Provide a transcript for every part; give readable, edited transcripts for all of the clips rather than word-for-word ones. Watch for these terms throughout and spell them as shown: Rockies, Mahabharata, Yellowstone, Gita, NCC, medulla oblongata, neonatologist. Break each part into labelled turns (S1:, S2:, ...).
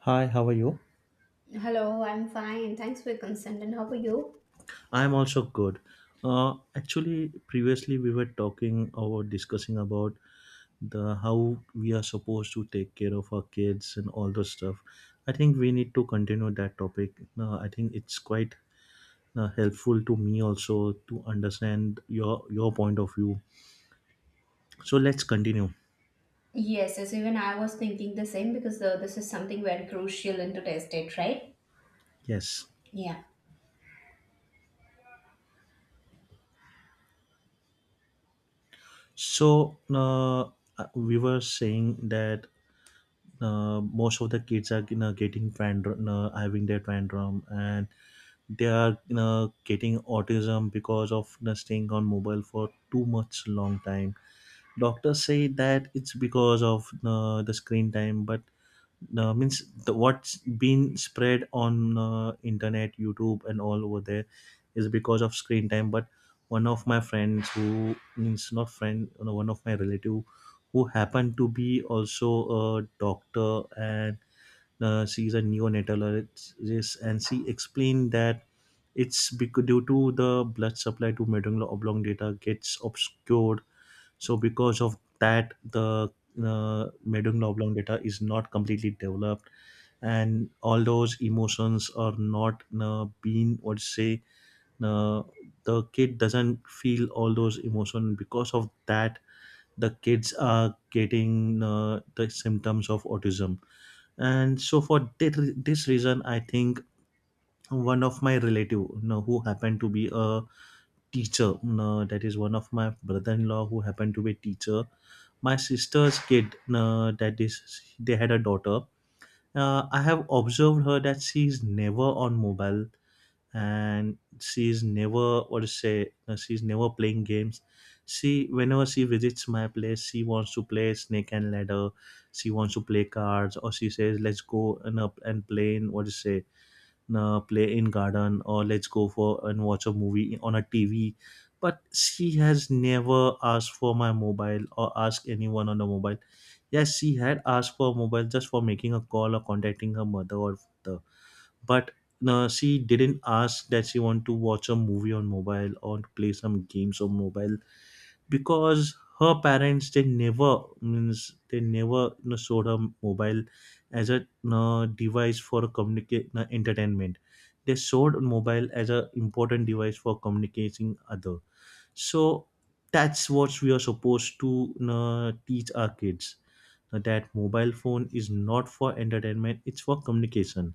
S1: Hi, how are you?
S2: Hello, I'm fine. Thanks for your consent. And how are you?
S1: I'm also good. Actually, previously we were talking or discussing about the how we are supposed to take care of our kids and all those stuff. I think we need to continue that topic. I think it's quite helpful to me also to understand your point of view. So let's continue.
S2: Yes, even I was thinking the same because this is something very crucial and to test it, right?
S1: Yes.
S2: Yeah.
S1: So we were saying that most of the kids are getting tantrum, having their tantrum, and they are you getting autism because of you staying on mobile for too much long time. Doctors say that it's because of the screen time, but means the, what's been spread on internet, YouTube, and all over there is because of screen time. But one of my friends who, means, not friend, one of my relative, who happened to be also a doctor, and she's a neonatologist, and she explained that it's because due to the blood supply to medulla oblongata gets obscured. So because of that, the medulla oblongata is not completely developed, and all those emotions are not being, what to say, uh, the kid doesn't feel all those emotions. Because of that, the kids are getting the symptoms of autism. And so for this reason, I think one of my relative, who happened to be a teacher, that is one of my brother-in-law who happened to be a teacher, my sister's kid, that is, they had a daughter. I have observed her that she is never on mobile, and she's never, what to say, she's never playing games. She, whenever she visits my place, she wants to play snake and ladder. She wants to play cards, or she says let's go and up and play in, what to say, play in garden, or let's go for and watch a movie on a TV. But she has never asked for my mobile or asked anyone on the mobile. Yes, she had asked for a mobile just for making a call or contacting her mother or father, but she didn't ask that she want to watch a movie on mobile or to play some games on mobile, because her parents, they never, means, they never, showed her mobile as a, device for communicate, entertainment. They showed mobile as a important device for communicating other. So that's what we are supposed to, teach our kids, that mobile phone is not for entertainment, it's for communication.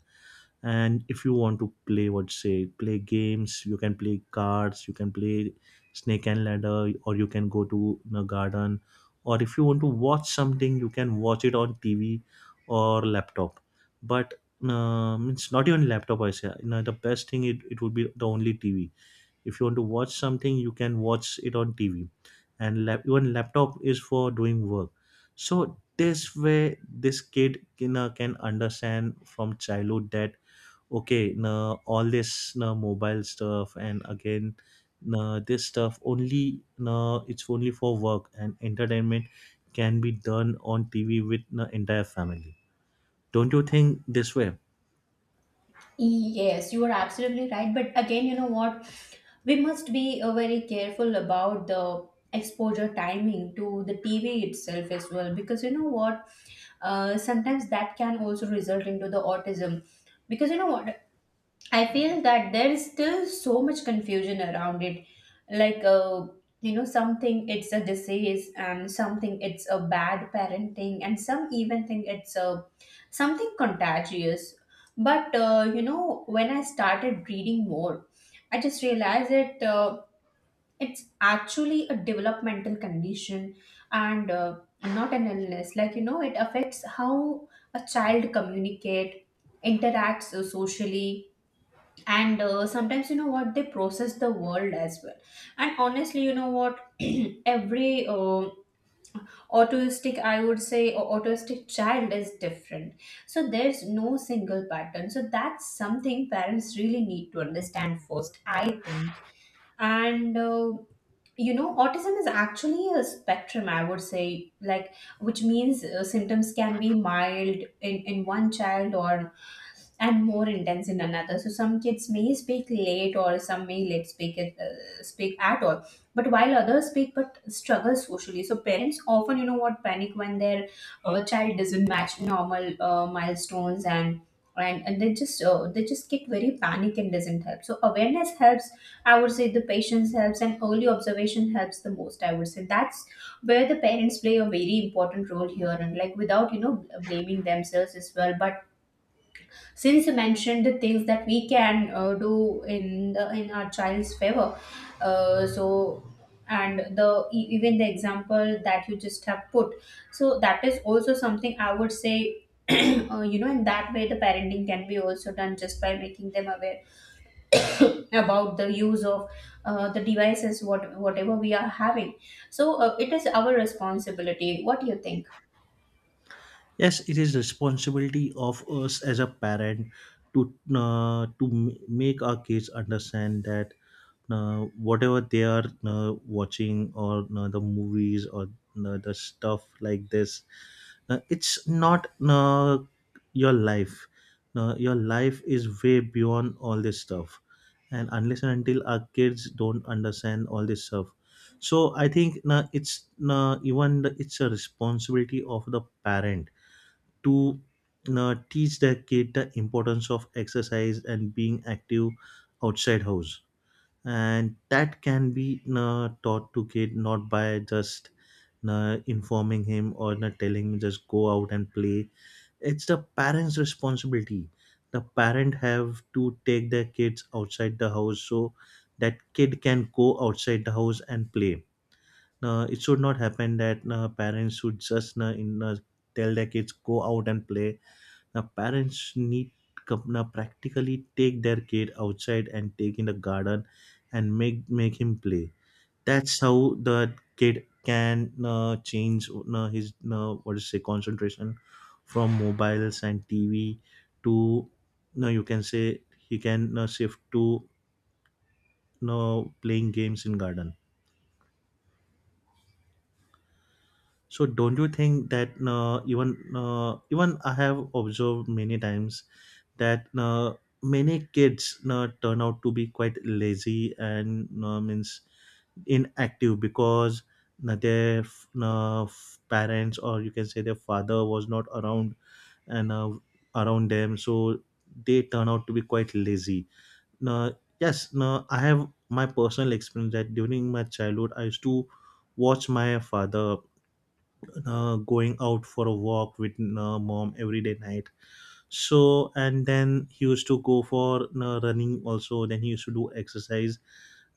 S1: And if you want to play, what say, play games, you can play cards, you can play snake and ladder, or you can go to the garden, or if you want to watch something, you can watch it on TV or laptop. But it's not even laptop, I say, the best thing, it would be the only TV. If you want to watch something, you can watch it on TV. And even laptop is for doing work. So this way, this kid can understand from childhood that okay, now all this, now mobile stuff, and again now this stuff only, now it's only for work, and entertainment can be done on TV with the entire family. Don't you think this way?
S2: Yes, you are absolutely right. But again, you know what? We must be very careful about the exposure timing to the TV itself as well because you know what? Sometimes that can also result into the autism because you know what? I feel that there is still so much confusion around it. Like, uh, you know, something it's a disease, and something it's a bad parenting, and some even think it's a something contagious. But you know, when I started reading more, I just realized that it's actually a developmental condition and not an illness. Like, you know, it affects how a child communicate, interacts socially and sometimes you know what they process the world as well, and honestly you know what every autistic, I would say, or autistic child is different. So there's no single pattern, so that's something parents really need to understand first, I think. And you know, autism is actually a spectrum, I would say, like which means symptoms can be mild in one child, or and more intense in another. So some kids may speak late, or some may let speak it, speak at all. But while others speak but struggle socially. So parents often, you know, what panic when their child doesn't match normal milestones, and they just get very panic and doesn't help. So awareness helps. I would say the patience helps and early observation helps the most. I would say that's where the parents play a very important role here, and like without, you know, blaming themselves as well, but since you mentioned the things that we can do in the in our child's favor, so and the even the example that you just have put, so that is also something I would say, you know, in that way the parenting can be also done just by making them aware about the use of the devices, what whatever we are having. So it is our responsibility. What do you think?
S1: Yes, it is responsibility of us as a parent to make our kids understand that whatever they are watching or the movies or the stuff like this, it's not your life, your life is way beyond all this stuff. And unless and until our kids don't understand all this stuff, so I think it's even the, it's a responsibility of the parent to teach their kid the importance of exercise and being active outside house. And that can be taught to kid not by just informing him or not telling him just go out and play. It's the parents responsibility. The parent have to take their kids outside the house, so that kid can go outside the house and play. It should not happen that parents should just tell their kids go out and play. Now parents need, now practically take their kid outside and take in the garden and make him play. That's how the kid can change his what is say concentration from mobiles and TV to, no, you can say, he can shift to, no, playing games in garden. So don't you think that even I have observed many times that many kids turn out to be quite lazy and means inactive because their parents, or you can say their father, was not around and around them, so they turn out to be quite lazy. Now, yes, now I have my personal experience that during my childhood I used to watch my father going out for a walk with mom every day night. So and then he used to go for running also, then he used to do exercise,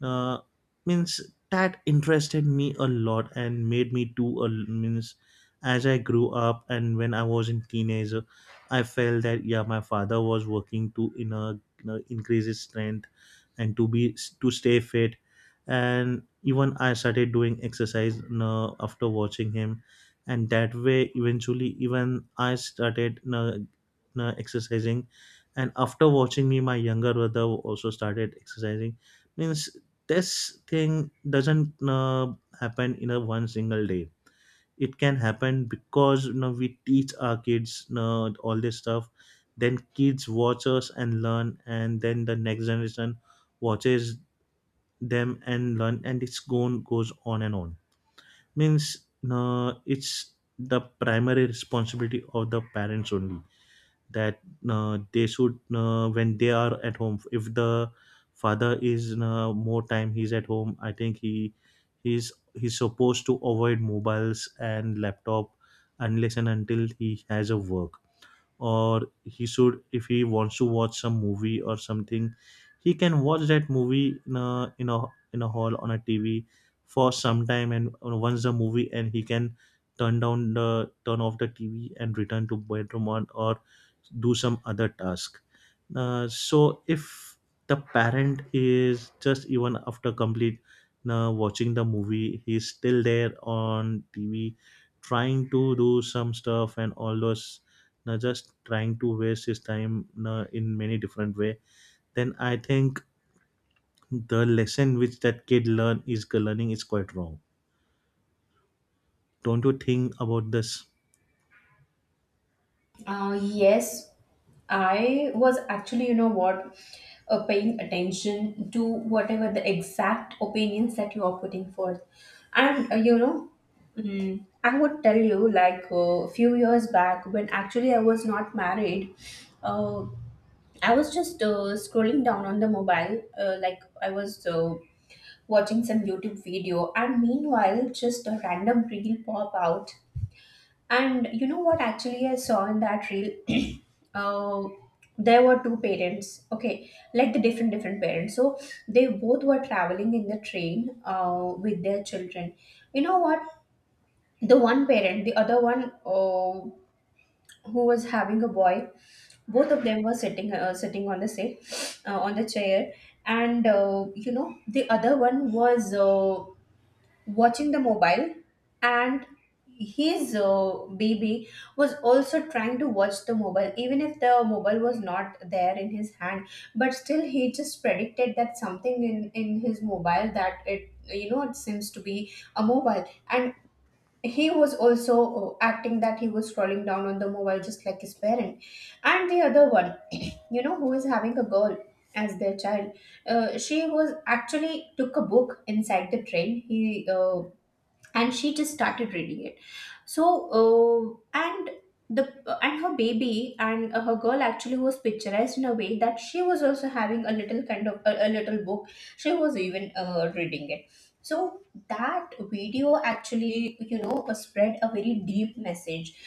S1: uh, means that interested me a lot and made me do a, means, as I grew up and when I was in teenager, I felt that yeah, my father was working to in a, you know, increase his strength and to be to stay fit. And even I started doing exercise, after watching him. And that way eventually, even I started, exercising. And after watching me, my younger brother also started exercising, means this thing doesn't happen in a one single day. It can happen because you know we teach our kids, all this stuff, then kids watch us and learn, and then the next generation watches them and learn, and it's gone goes on and on. Means it's the primary responsibility of the parents only, that they should when they are at home, if the father is more time he's at home, I think he's supposed to avoid mobiles and laptop unless and until he has a work. Or he should, if he wants to watch some movie or something, he can watch that movie in a hall on a TV for some time. And once the movie, and he can turn off the TV and return to bedroom on, or do some other task. So if the parent is just even after complete watching the movie, he's still there on TV trying to do some stuff and all those, just trying to waste his time in many different way, then I think the lesson which that kid learning is quite wrong. Don't you think about this?
S2: Yes, I was actually, you know what, paying attention to whatever the exact opinions that you are putting forth. And you know, I would tell you, like, a few years back, when actually I was not married, uh, I was just scrolling down on the mobile, like I was watching some YouTube video, and meanwhile, just a random reel pop out. And you know what? Actually, I saw in that reel, uh, there were two parents. Okay, like the different different parents. So they both were traveling in the train with their children. You know what? The one parent, the other one who was having a boy, both of them were sitting sitting on the seat, on the chair, and you know, the other one was. Watching the mobile, and his baby was also trying to watch the mobile, even if the mobile was not there in his hand, but still he just predicted that something in his mobile, that it, you know, it seems to be a mobile. And he was also acting that he was scrolling down on the mobile just like his parent. And the other one, you know, who is having a girl as their child, she was actually took a book inside the train, he and she just started reading it. So and the and her baby and her girl actually was picturized in a way that she was also having a little kind of a little book. She was even reading it. So that video actually, you know, spread a very deep message.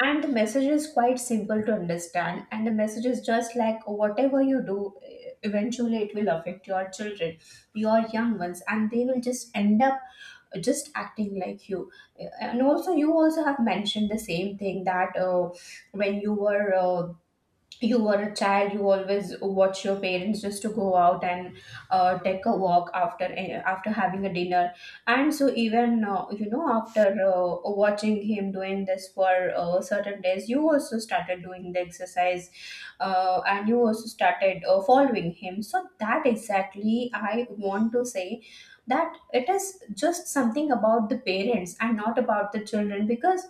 S2: And the message is quite simple to understand, and the message is just like whatever you do, eventually it will affect your children, your young ones, and they will just end up just acting like you. And also you also have mentioned the same thing that when you were a child, you always watch your parents just to go out and take a walk after after having a dinner. And so even you know, after watching him doing this for certain days, you also started doing the exercise, and you also started following him. So that exactly I want to say, that it is just something about the parents and not about the children, because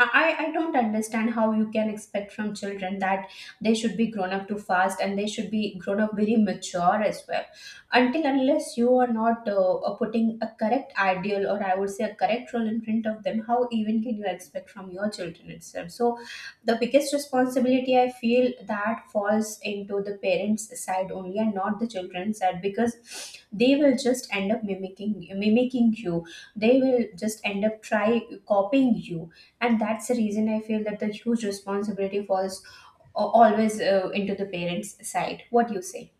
S2: I don't understand how you can expect from children that they should be grown up too fast and they should be grown up very mature as well, until unless you are not putting a correct ideal, or I would say a correct role in front of them, how even can you expect from your children itself? So the biggest responsibility, I feel, that falls into the parents side only and not the children's side, because they will just end up mimicking you. They will just end up try copying you. And that's the reason I feel that the huge responsibility falls always into the parents side. What do you say?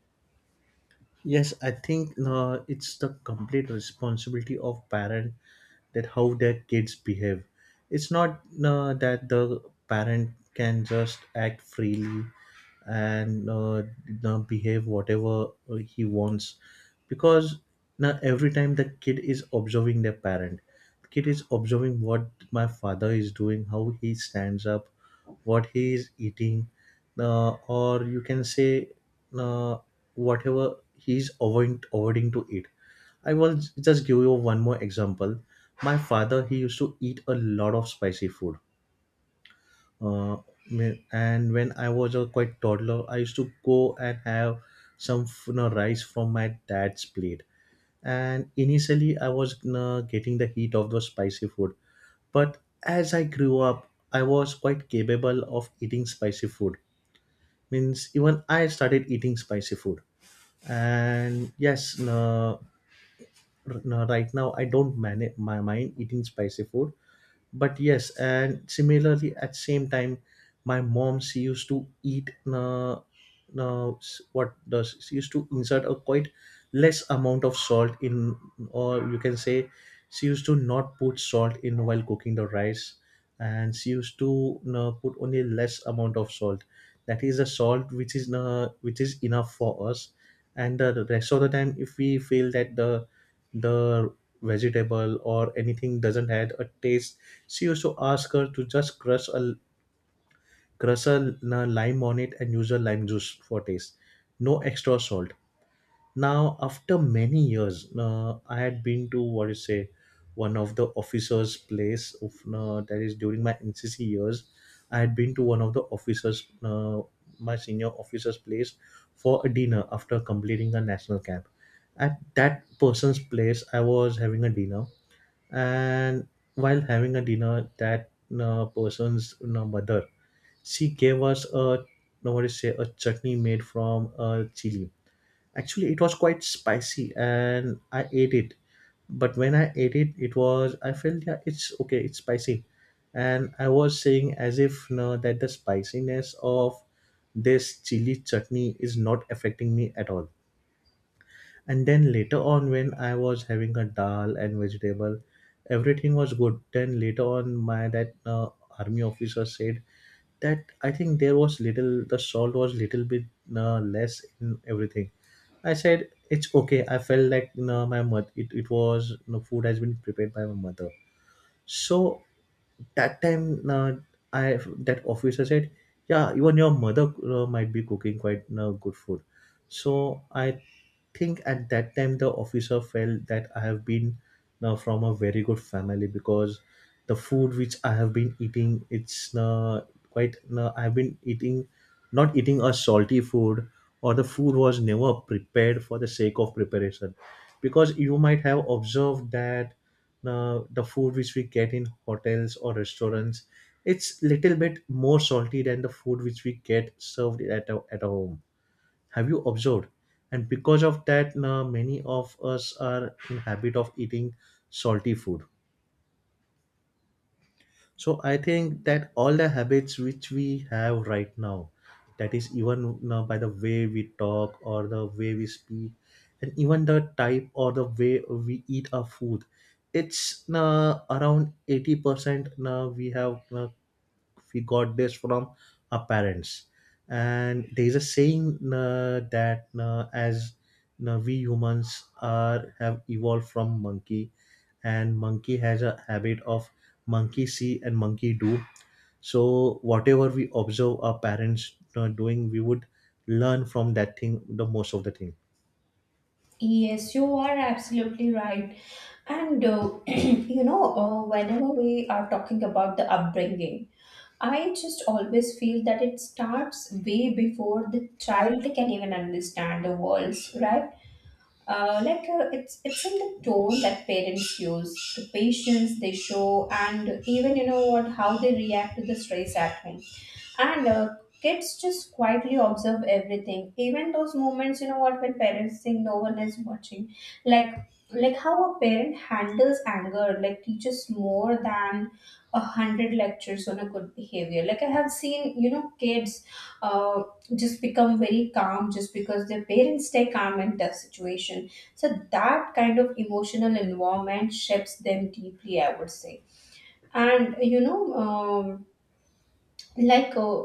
S1: Yes, I think it's the complete responsibility of parent that how their kids behave. It's not that the parent can just act freely and behave whatever he wants, because now every time the kid is observing their parent, the kid is observing what my father is doing, how he stands up, what he is eating, or you can say uh, whatever he's avoiding to eat. I will just give you one more example. My father, he used to eat a lot of spicy food. Uh, and when I was a quite toddler, I used to go and have some, rice from my dad's plate. And initially, I was, getting the heat of the spicy food. But as I grew up, I was quite capable of eating spicy food. Means even I started eating spicy food. And yes, no, right now I don't manage my mind eating spicy food. But yes, and similarly at same time, my mom, she used to eat, no, no, s- what does she used to insert a quite less amount of salt in, or you can say, she used to not put salt in while cooking the rice. And she used to, no, put only less amount of salt, that is the salt which is enough for us. And the rest of the time, if we feel that the vegetable or anything doesn't have a taste, she also ask her to just crush a lime on it and use a lime juice for taste. No extra salt. Now, after many years, I had been to, what you say, one of the officers' place. Of, that is during my NCC years, I had been to one of the officers, my senior officers' place, for a dinner after completing a national camp. At that person's place, I was having a dinner, and while having a dinner, that person's mother, she gave us a, what do you say, a chutney made from chili. Actually, it was quite spicy and I ate it. But when I ate it, it was I felt, yeah, it's okay, it's spicy. And I was saying as if no, that the spiciness of this chili chutney is not affecting me at all. And then later on, when I was having a dal and vegetable, everything was good. Then later on, my that army officer said that I think there was little, the salt was little bit less in everything. I said it's okay. I felt like, you know, my mother, it was, you know, food has been prepared by my mother. So that time, I that officer said, "Yeah, even your mother might be cooking quite good food." So I think at that time the officer felt that I have been now from a very good family, because the food which I have been eating, it's quite. I've been eating, not eating a salty food, or the food was never prepared for the sake of preparation, because you might have observed that now the food which we get in hotels or restaurants, it's little bit more salty than the food which we get served at our home. Have you observed? And because of that, now many of us are in habit of eating salty food. So I think that all the habits which we have right now, that is even now by the way we talk or the way we speak, and even the type or the way we eat our food, it's around 80% now we have we got this from our parents. And there is a saying that as we humans are have evolved from monkey, and monkey has a habit of monkey see and monkey do. So whatever we observe our parents doing, we would learn from that thing, the most of the thing.
S2: Yes, you are absolutely right. And you know, whenever we are talking about the upbringing, I just always feel that it starts way before the child can even understand the words, right? Like it's in the tone that parents use, the patience they show, and even you know what, how they react to the stress at home. And kids just quietly observe everything, even those moments, you know what, when parents think no one is watching. Like, like how a parent handles anger, like teaches more than a hundred lectures on a good behavior. Like I have seen, you know, kids uh, just become very calm just because their parents stay calm in tough situation. So that kind of emotional environment shapes them deeply, I would say. And you know, like uh,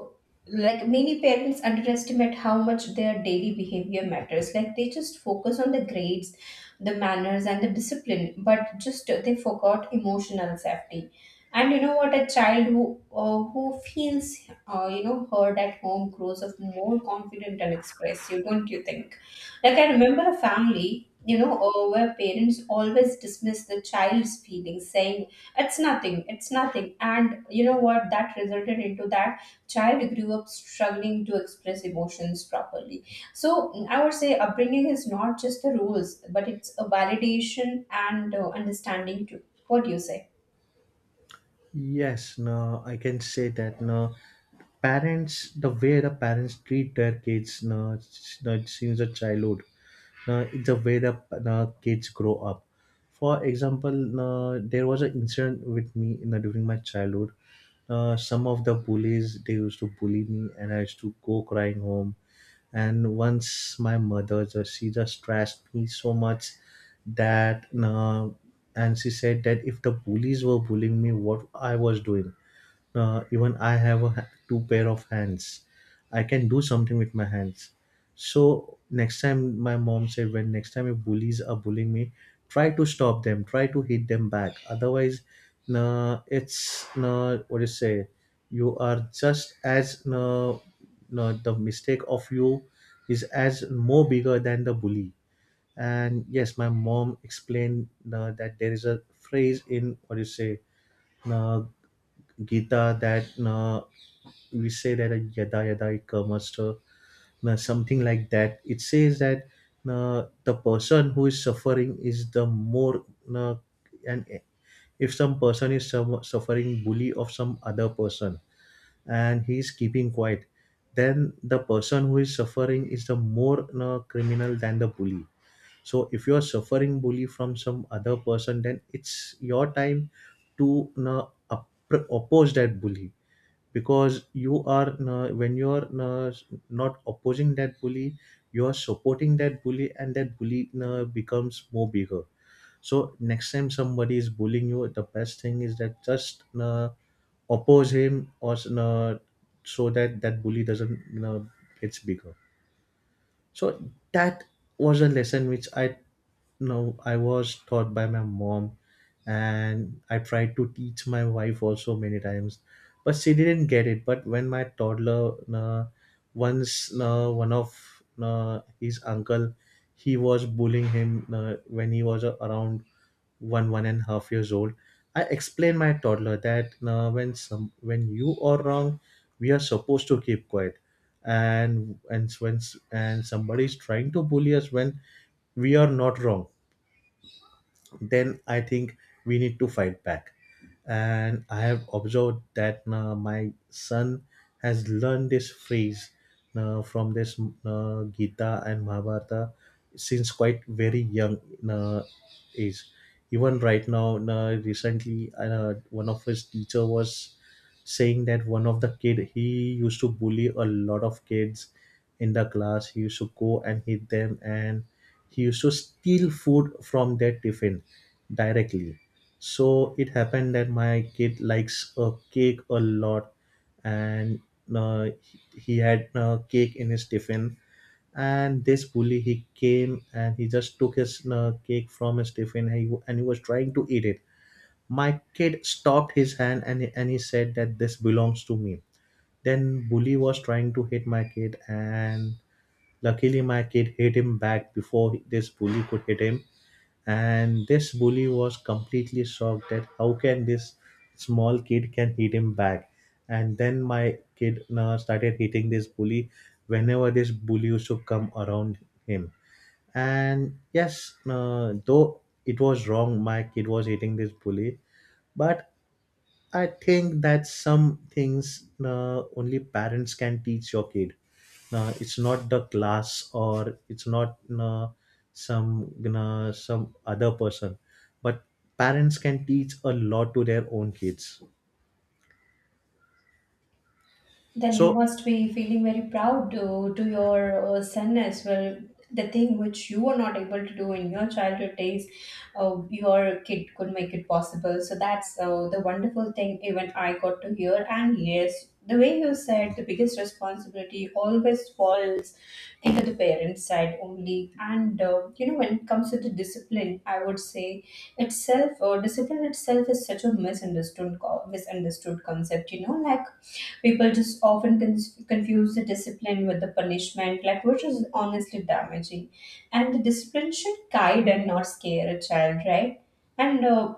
S2: like many parents underestimate how much their daily behavior matters, like they just focus on the grades, the manners, and the discipline, but just they forgot emotional safety. And you know what, a child who feels you know, heard at home grows up more confident and expressive, don't you think? Like I remember a family, you know, where parents always dismiss the child's feelings, saying it's nothing, it's nothing. And you know what? That resulted into that child grew up struggling to express emotions properly. So I would say upbringing is not just the rules, but it's a validation and understanding too. What do you say?
S1: Yes, no, I can say that no, parents, the way the parents treat their kids no, no, since the childhood, it's the way the kids grow up. For example, there was an incident with me in, the, during my childhood. Some of the bullies they used to bully me, and I used to go crying home. And once my mother just she just trashed me so much, that and she said that if the bullies were bullying me, what I was doing, even I have two pair of hands. I can do something with my hands. So next time my mom said, when next time your bullies are bullying me, try to stop them. Try to hit them back. Otherwise, nah, it's nah, what do you say? You are just as nah, nah, the mistake of you is as more bigger than the bully. And yes, my mom explained nah, that there is a phrase in what do you say? uh, Gita, that we say that a yada yada ikamasta, something like that. It says that the person who is suffering is the more, uh, and if some person is some, suffering bully of some other person, and he is keeping quiet, then the person who is suffering is the more criminal than the bully. So if you are suffering bully from some other person, then it's your time to oppose that bully, because you are when you are not opposing that bully, you are supporting that bully and that bully becomes more bigger. So next time somebody is bullying you, the best thing is that just oppose him, or so that that bully doesn't gets bigger. So that was a lesson which I know I was taught by my mom, and I tried to teach my wife also many times, but she didn't get it. But when my toddler once one of his uncle he was bullying him when he was around one and a half years old, I explained my toddler that when some when you are wrong, we are supposed to keep quiet. And when and somebody is trying to bully us when we are not wrong, then I think we need to fight back. And I have observed that my son has learned this phrase from this Gita and Mahabharata since quite very young uh, age. Even right now, recently, one of his teacher was saying that one of the kid he used to bully a lot of kids in the class. He used to go and hit them, and he used to steal food from their tiffin directly. So it happened that my kid likes a cake a lot, and he had cake in his tiffin. And this bully, he came and he just took his cake from his tiffin, and he was trying to eat it. My kid stopped his hand, and he said that this belongs to me. Then bully was trying to hit my kid, and luckily my kid hit him back before this bully could hit him. And this bully was completely shocked that how can this small kid can hit him back. And then my kid now started hitting this bully whenever this bully used to come around him. And yes, though it was wrong, my kid was hitting this bully, but I think that some things only parents can teach your kid. It's not the class, or it's not some some other person, but parents can teach a lot to their own kids.
S2: Then you
S1: So
S2: must be feeling very proud to your son as well. The thing which you were not able to do in your childhood days, your kid could make it possible. So that's the wonderful thing even I got to hear. And yes, the way you said, the biggest responsibility always falls into the parents' side only. And you know, when it comes to the discipline, I would say itself, discipline itself is such a misunderstood misunderstood concept. You know, like people just often confuse the discipline with the punishment, like which is honestly damaging, and the discipline should guide and not scare a child, right? And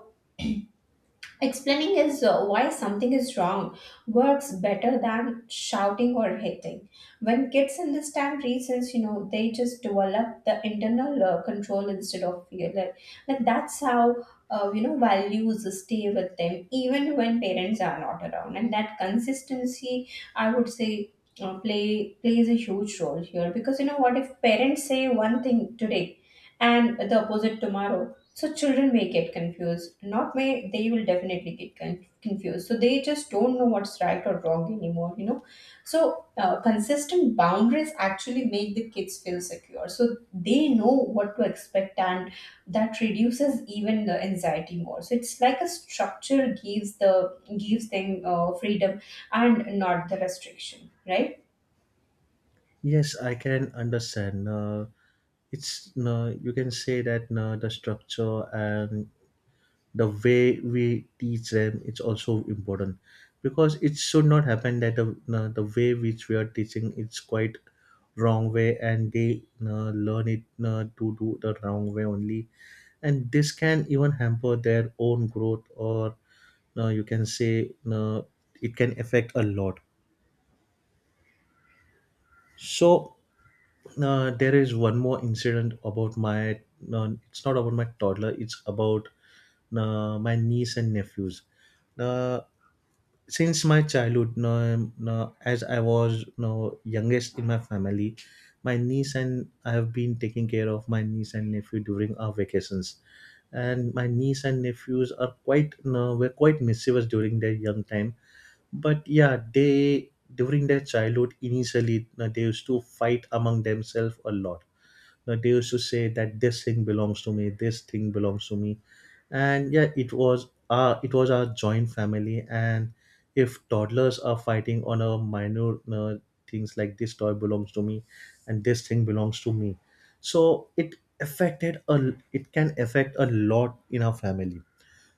S2: explaining is why something is wrong works better than shouting or hitting. When kids understand reasons, you know, they just develop the internal control instead of fear. Like that's how, you know, values stay with them even when parents are not around. And that consistency, I would say, plays a huge role here, because you know what, if parents say one thing today and the opposite tomorrow, so children may get confused. Not may, they will definitely get confused. So they just don't know what's right or wrong anymore, you know. So consistent boundaries actually make the kids feel secure. So they know what to expect, and that reduces even the anxiety more. So it's like a structure gives the gives them freedom and not the restriction, right?
S1: yes, I can understand. It's you can say that the structure and the way we teach them, it's also important, because it should not happen that the way which we are teaching, it's quite wrong way and they learn it to do the wrong way only, and this can even hamper their own growth, or you can say it can affect a lot. So there is one more incident about my, no, it's not about my toddler, it's about my niece and nephews. Uh, since my childhood, no, no, as I was no youngest in my family, my niece and I have been taking care of my niece and nephew during our vacations. And my niece and nephews are quite no, were quite mischievous during their young time. But yeah, they during their childhood initially no, they used to fight among themselves a lot, that they used to say that this thing belongs to me, this thing belongs to me. And yeah, it was our joint family, and if toddlers are fighting on a minor things like this toy belongs to me and this thing belongs to me, so it affected a it can affect a lot in our family.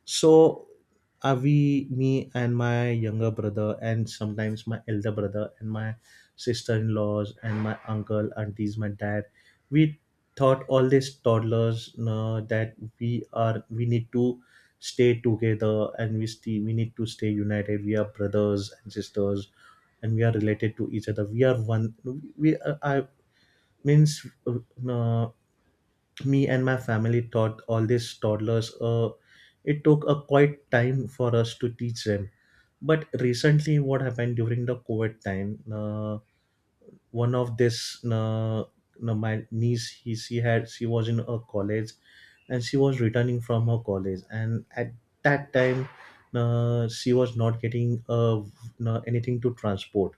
S1: So we, me, and my younger brother, and sometimes my elder brother, and my sister-in-laws, and my uncle, aunties, my dad, we thought all these toddlers that we are we need to stay together, and we stay, we need to stay united. We are brothers and sisters, and we are related to each other. We are one. We I means, uh, me and my family taught all these toddlers it took a quite time for us to teach them. But recently what happened during the covid time, one of this no, my niece he, she had she was in a college, and she was returning from her college, and at that time she was not getting anything to transport.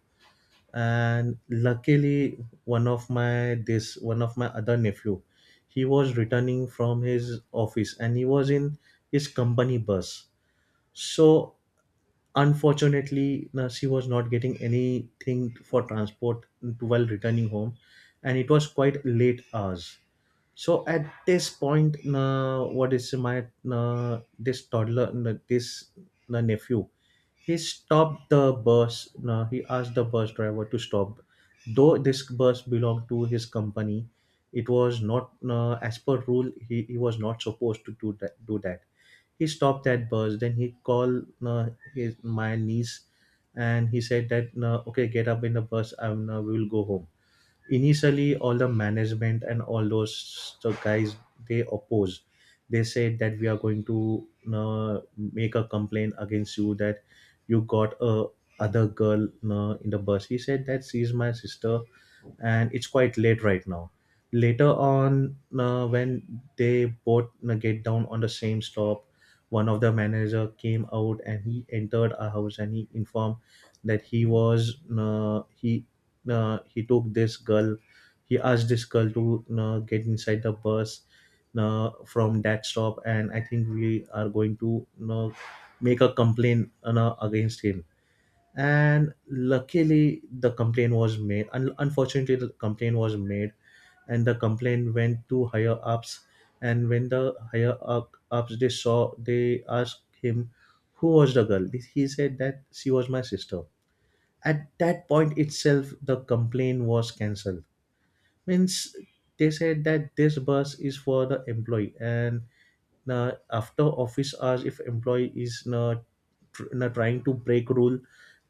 S1: And luckily, one of my this one of my other nephew, he was returning from his office and he was in his company bus. So unfortunately, she was not getting anything for transport while returning home, and it was quite late hours. So at this point, what is my this toddler this nephew, he stopped the bus, he asked the bus driver to stop. Though this bus belonged to his company, it was not as per rule, he was not supposed to do that. He stopped that bus, then he called his my niece, and he said that okay, get up in the bus and we will go home. Initially, all the management and all those the guys, they opposed. They said that we are going to make a complaint against you, that you got a other girl in the bus. He said that she is my sister and it's quite late right now. Later on, when they both get down on the same stop, one of the manager came out and he entered our house and he informed that he was he took this girl. He asked this girl to get inside the bus from that stop, and I think we are going to make a complaint against him. And luckily the complaint was made, unfortunately the complaint was made, and the complaint went to higher ups. And when the ups they saw, they asked him who was the girl. He said that she was my sister. At that point itself the complaint was cancelled. Means they said that this bus is for the employee, and now, after office hours, if employee is not tr- na trying to break rule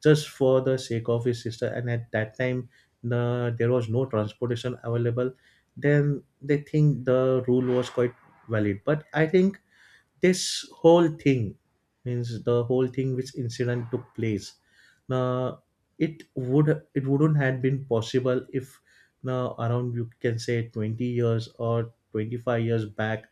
S1: just for the sake of his sister, and at that time na, there was no transportation available, then they think the rule was quite valid. But I think this whole thing means the whole thing which incident took place now, it would it wouldn't have been possible if now around, you can say 20 years or 25 years back,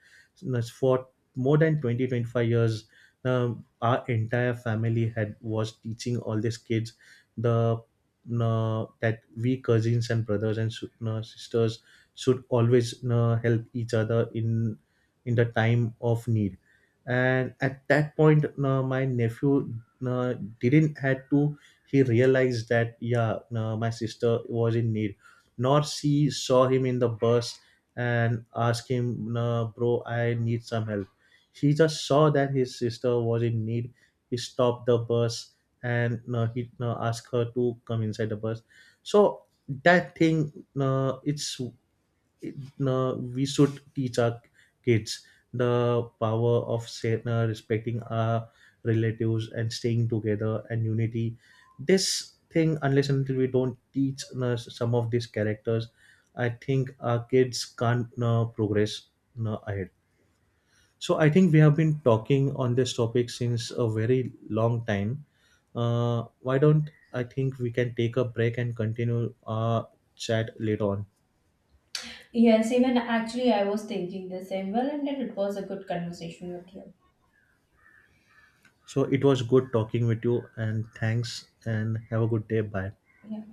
S1: now, for more than twenty twenty five years, now, our entire family had was teaching all these kids the now, that we cousins and brothers and now, sisters should always now, help each other in the time of need. And at that point, my nephew uh, didn't had to, he realized that yeah, my sister was in need, nor she saw him in the bus and asked him, bro, I need some help. He just saw that his sister was in need. He stopped the bus, and he asked her to come inside the bus. So that thing it's it, we should teach our kids the power of say, respecting our relatives and staying together and unity. This thing, unless and until we don't teach some of these characters, I think our kids can't progress ahead. So I think we have been talking on this topic since a very long time. Why don't, I think we can take a break and continue our chat later on.
S2: Yes, even actually I was thinking the same. Well, and it was a good conversation with you.
S1: So it was good talking with you, and thanks, and have a good day. Bye.
S2: Yeah.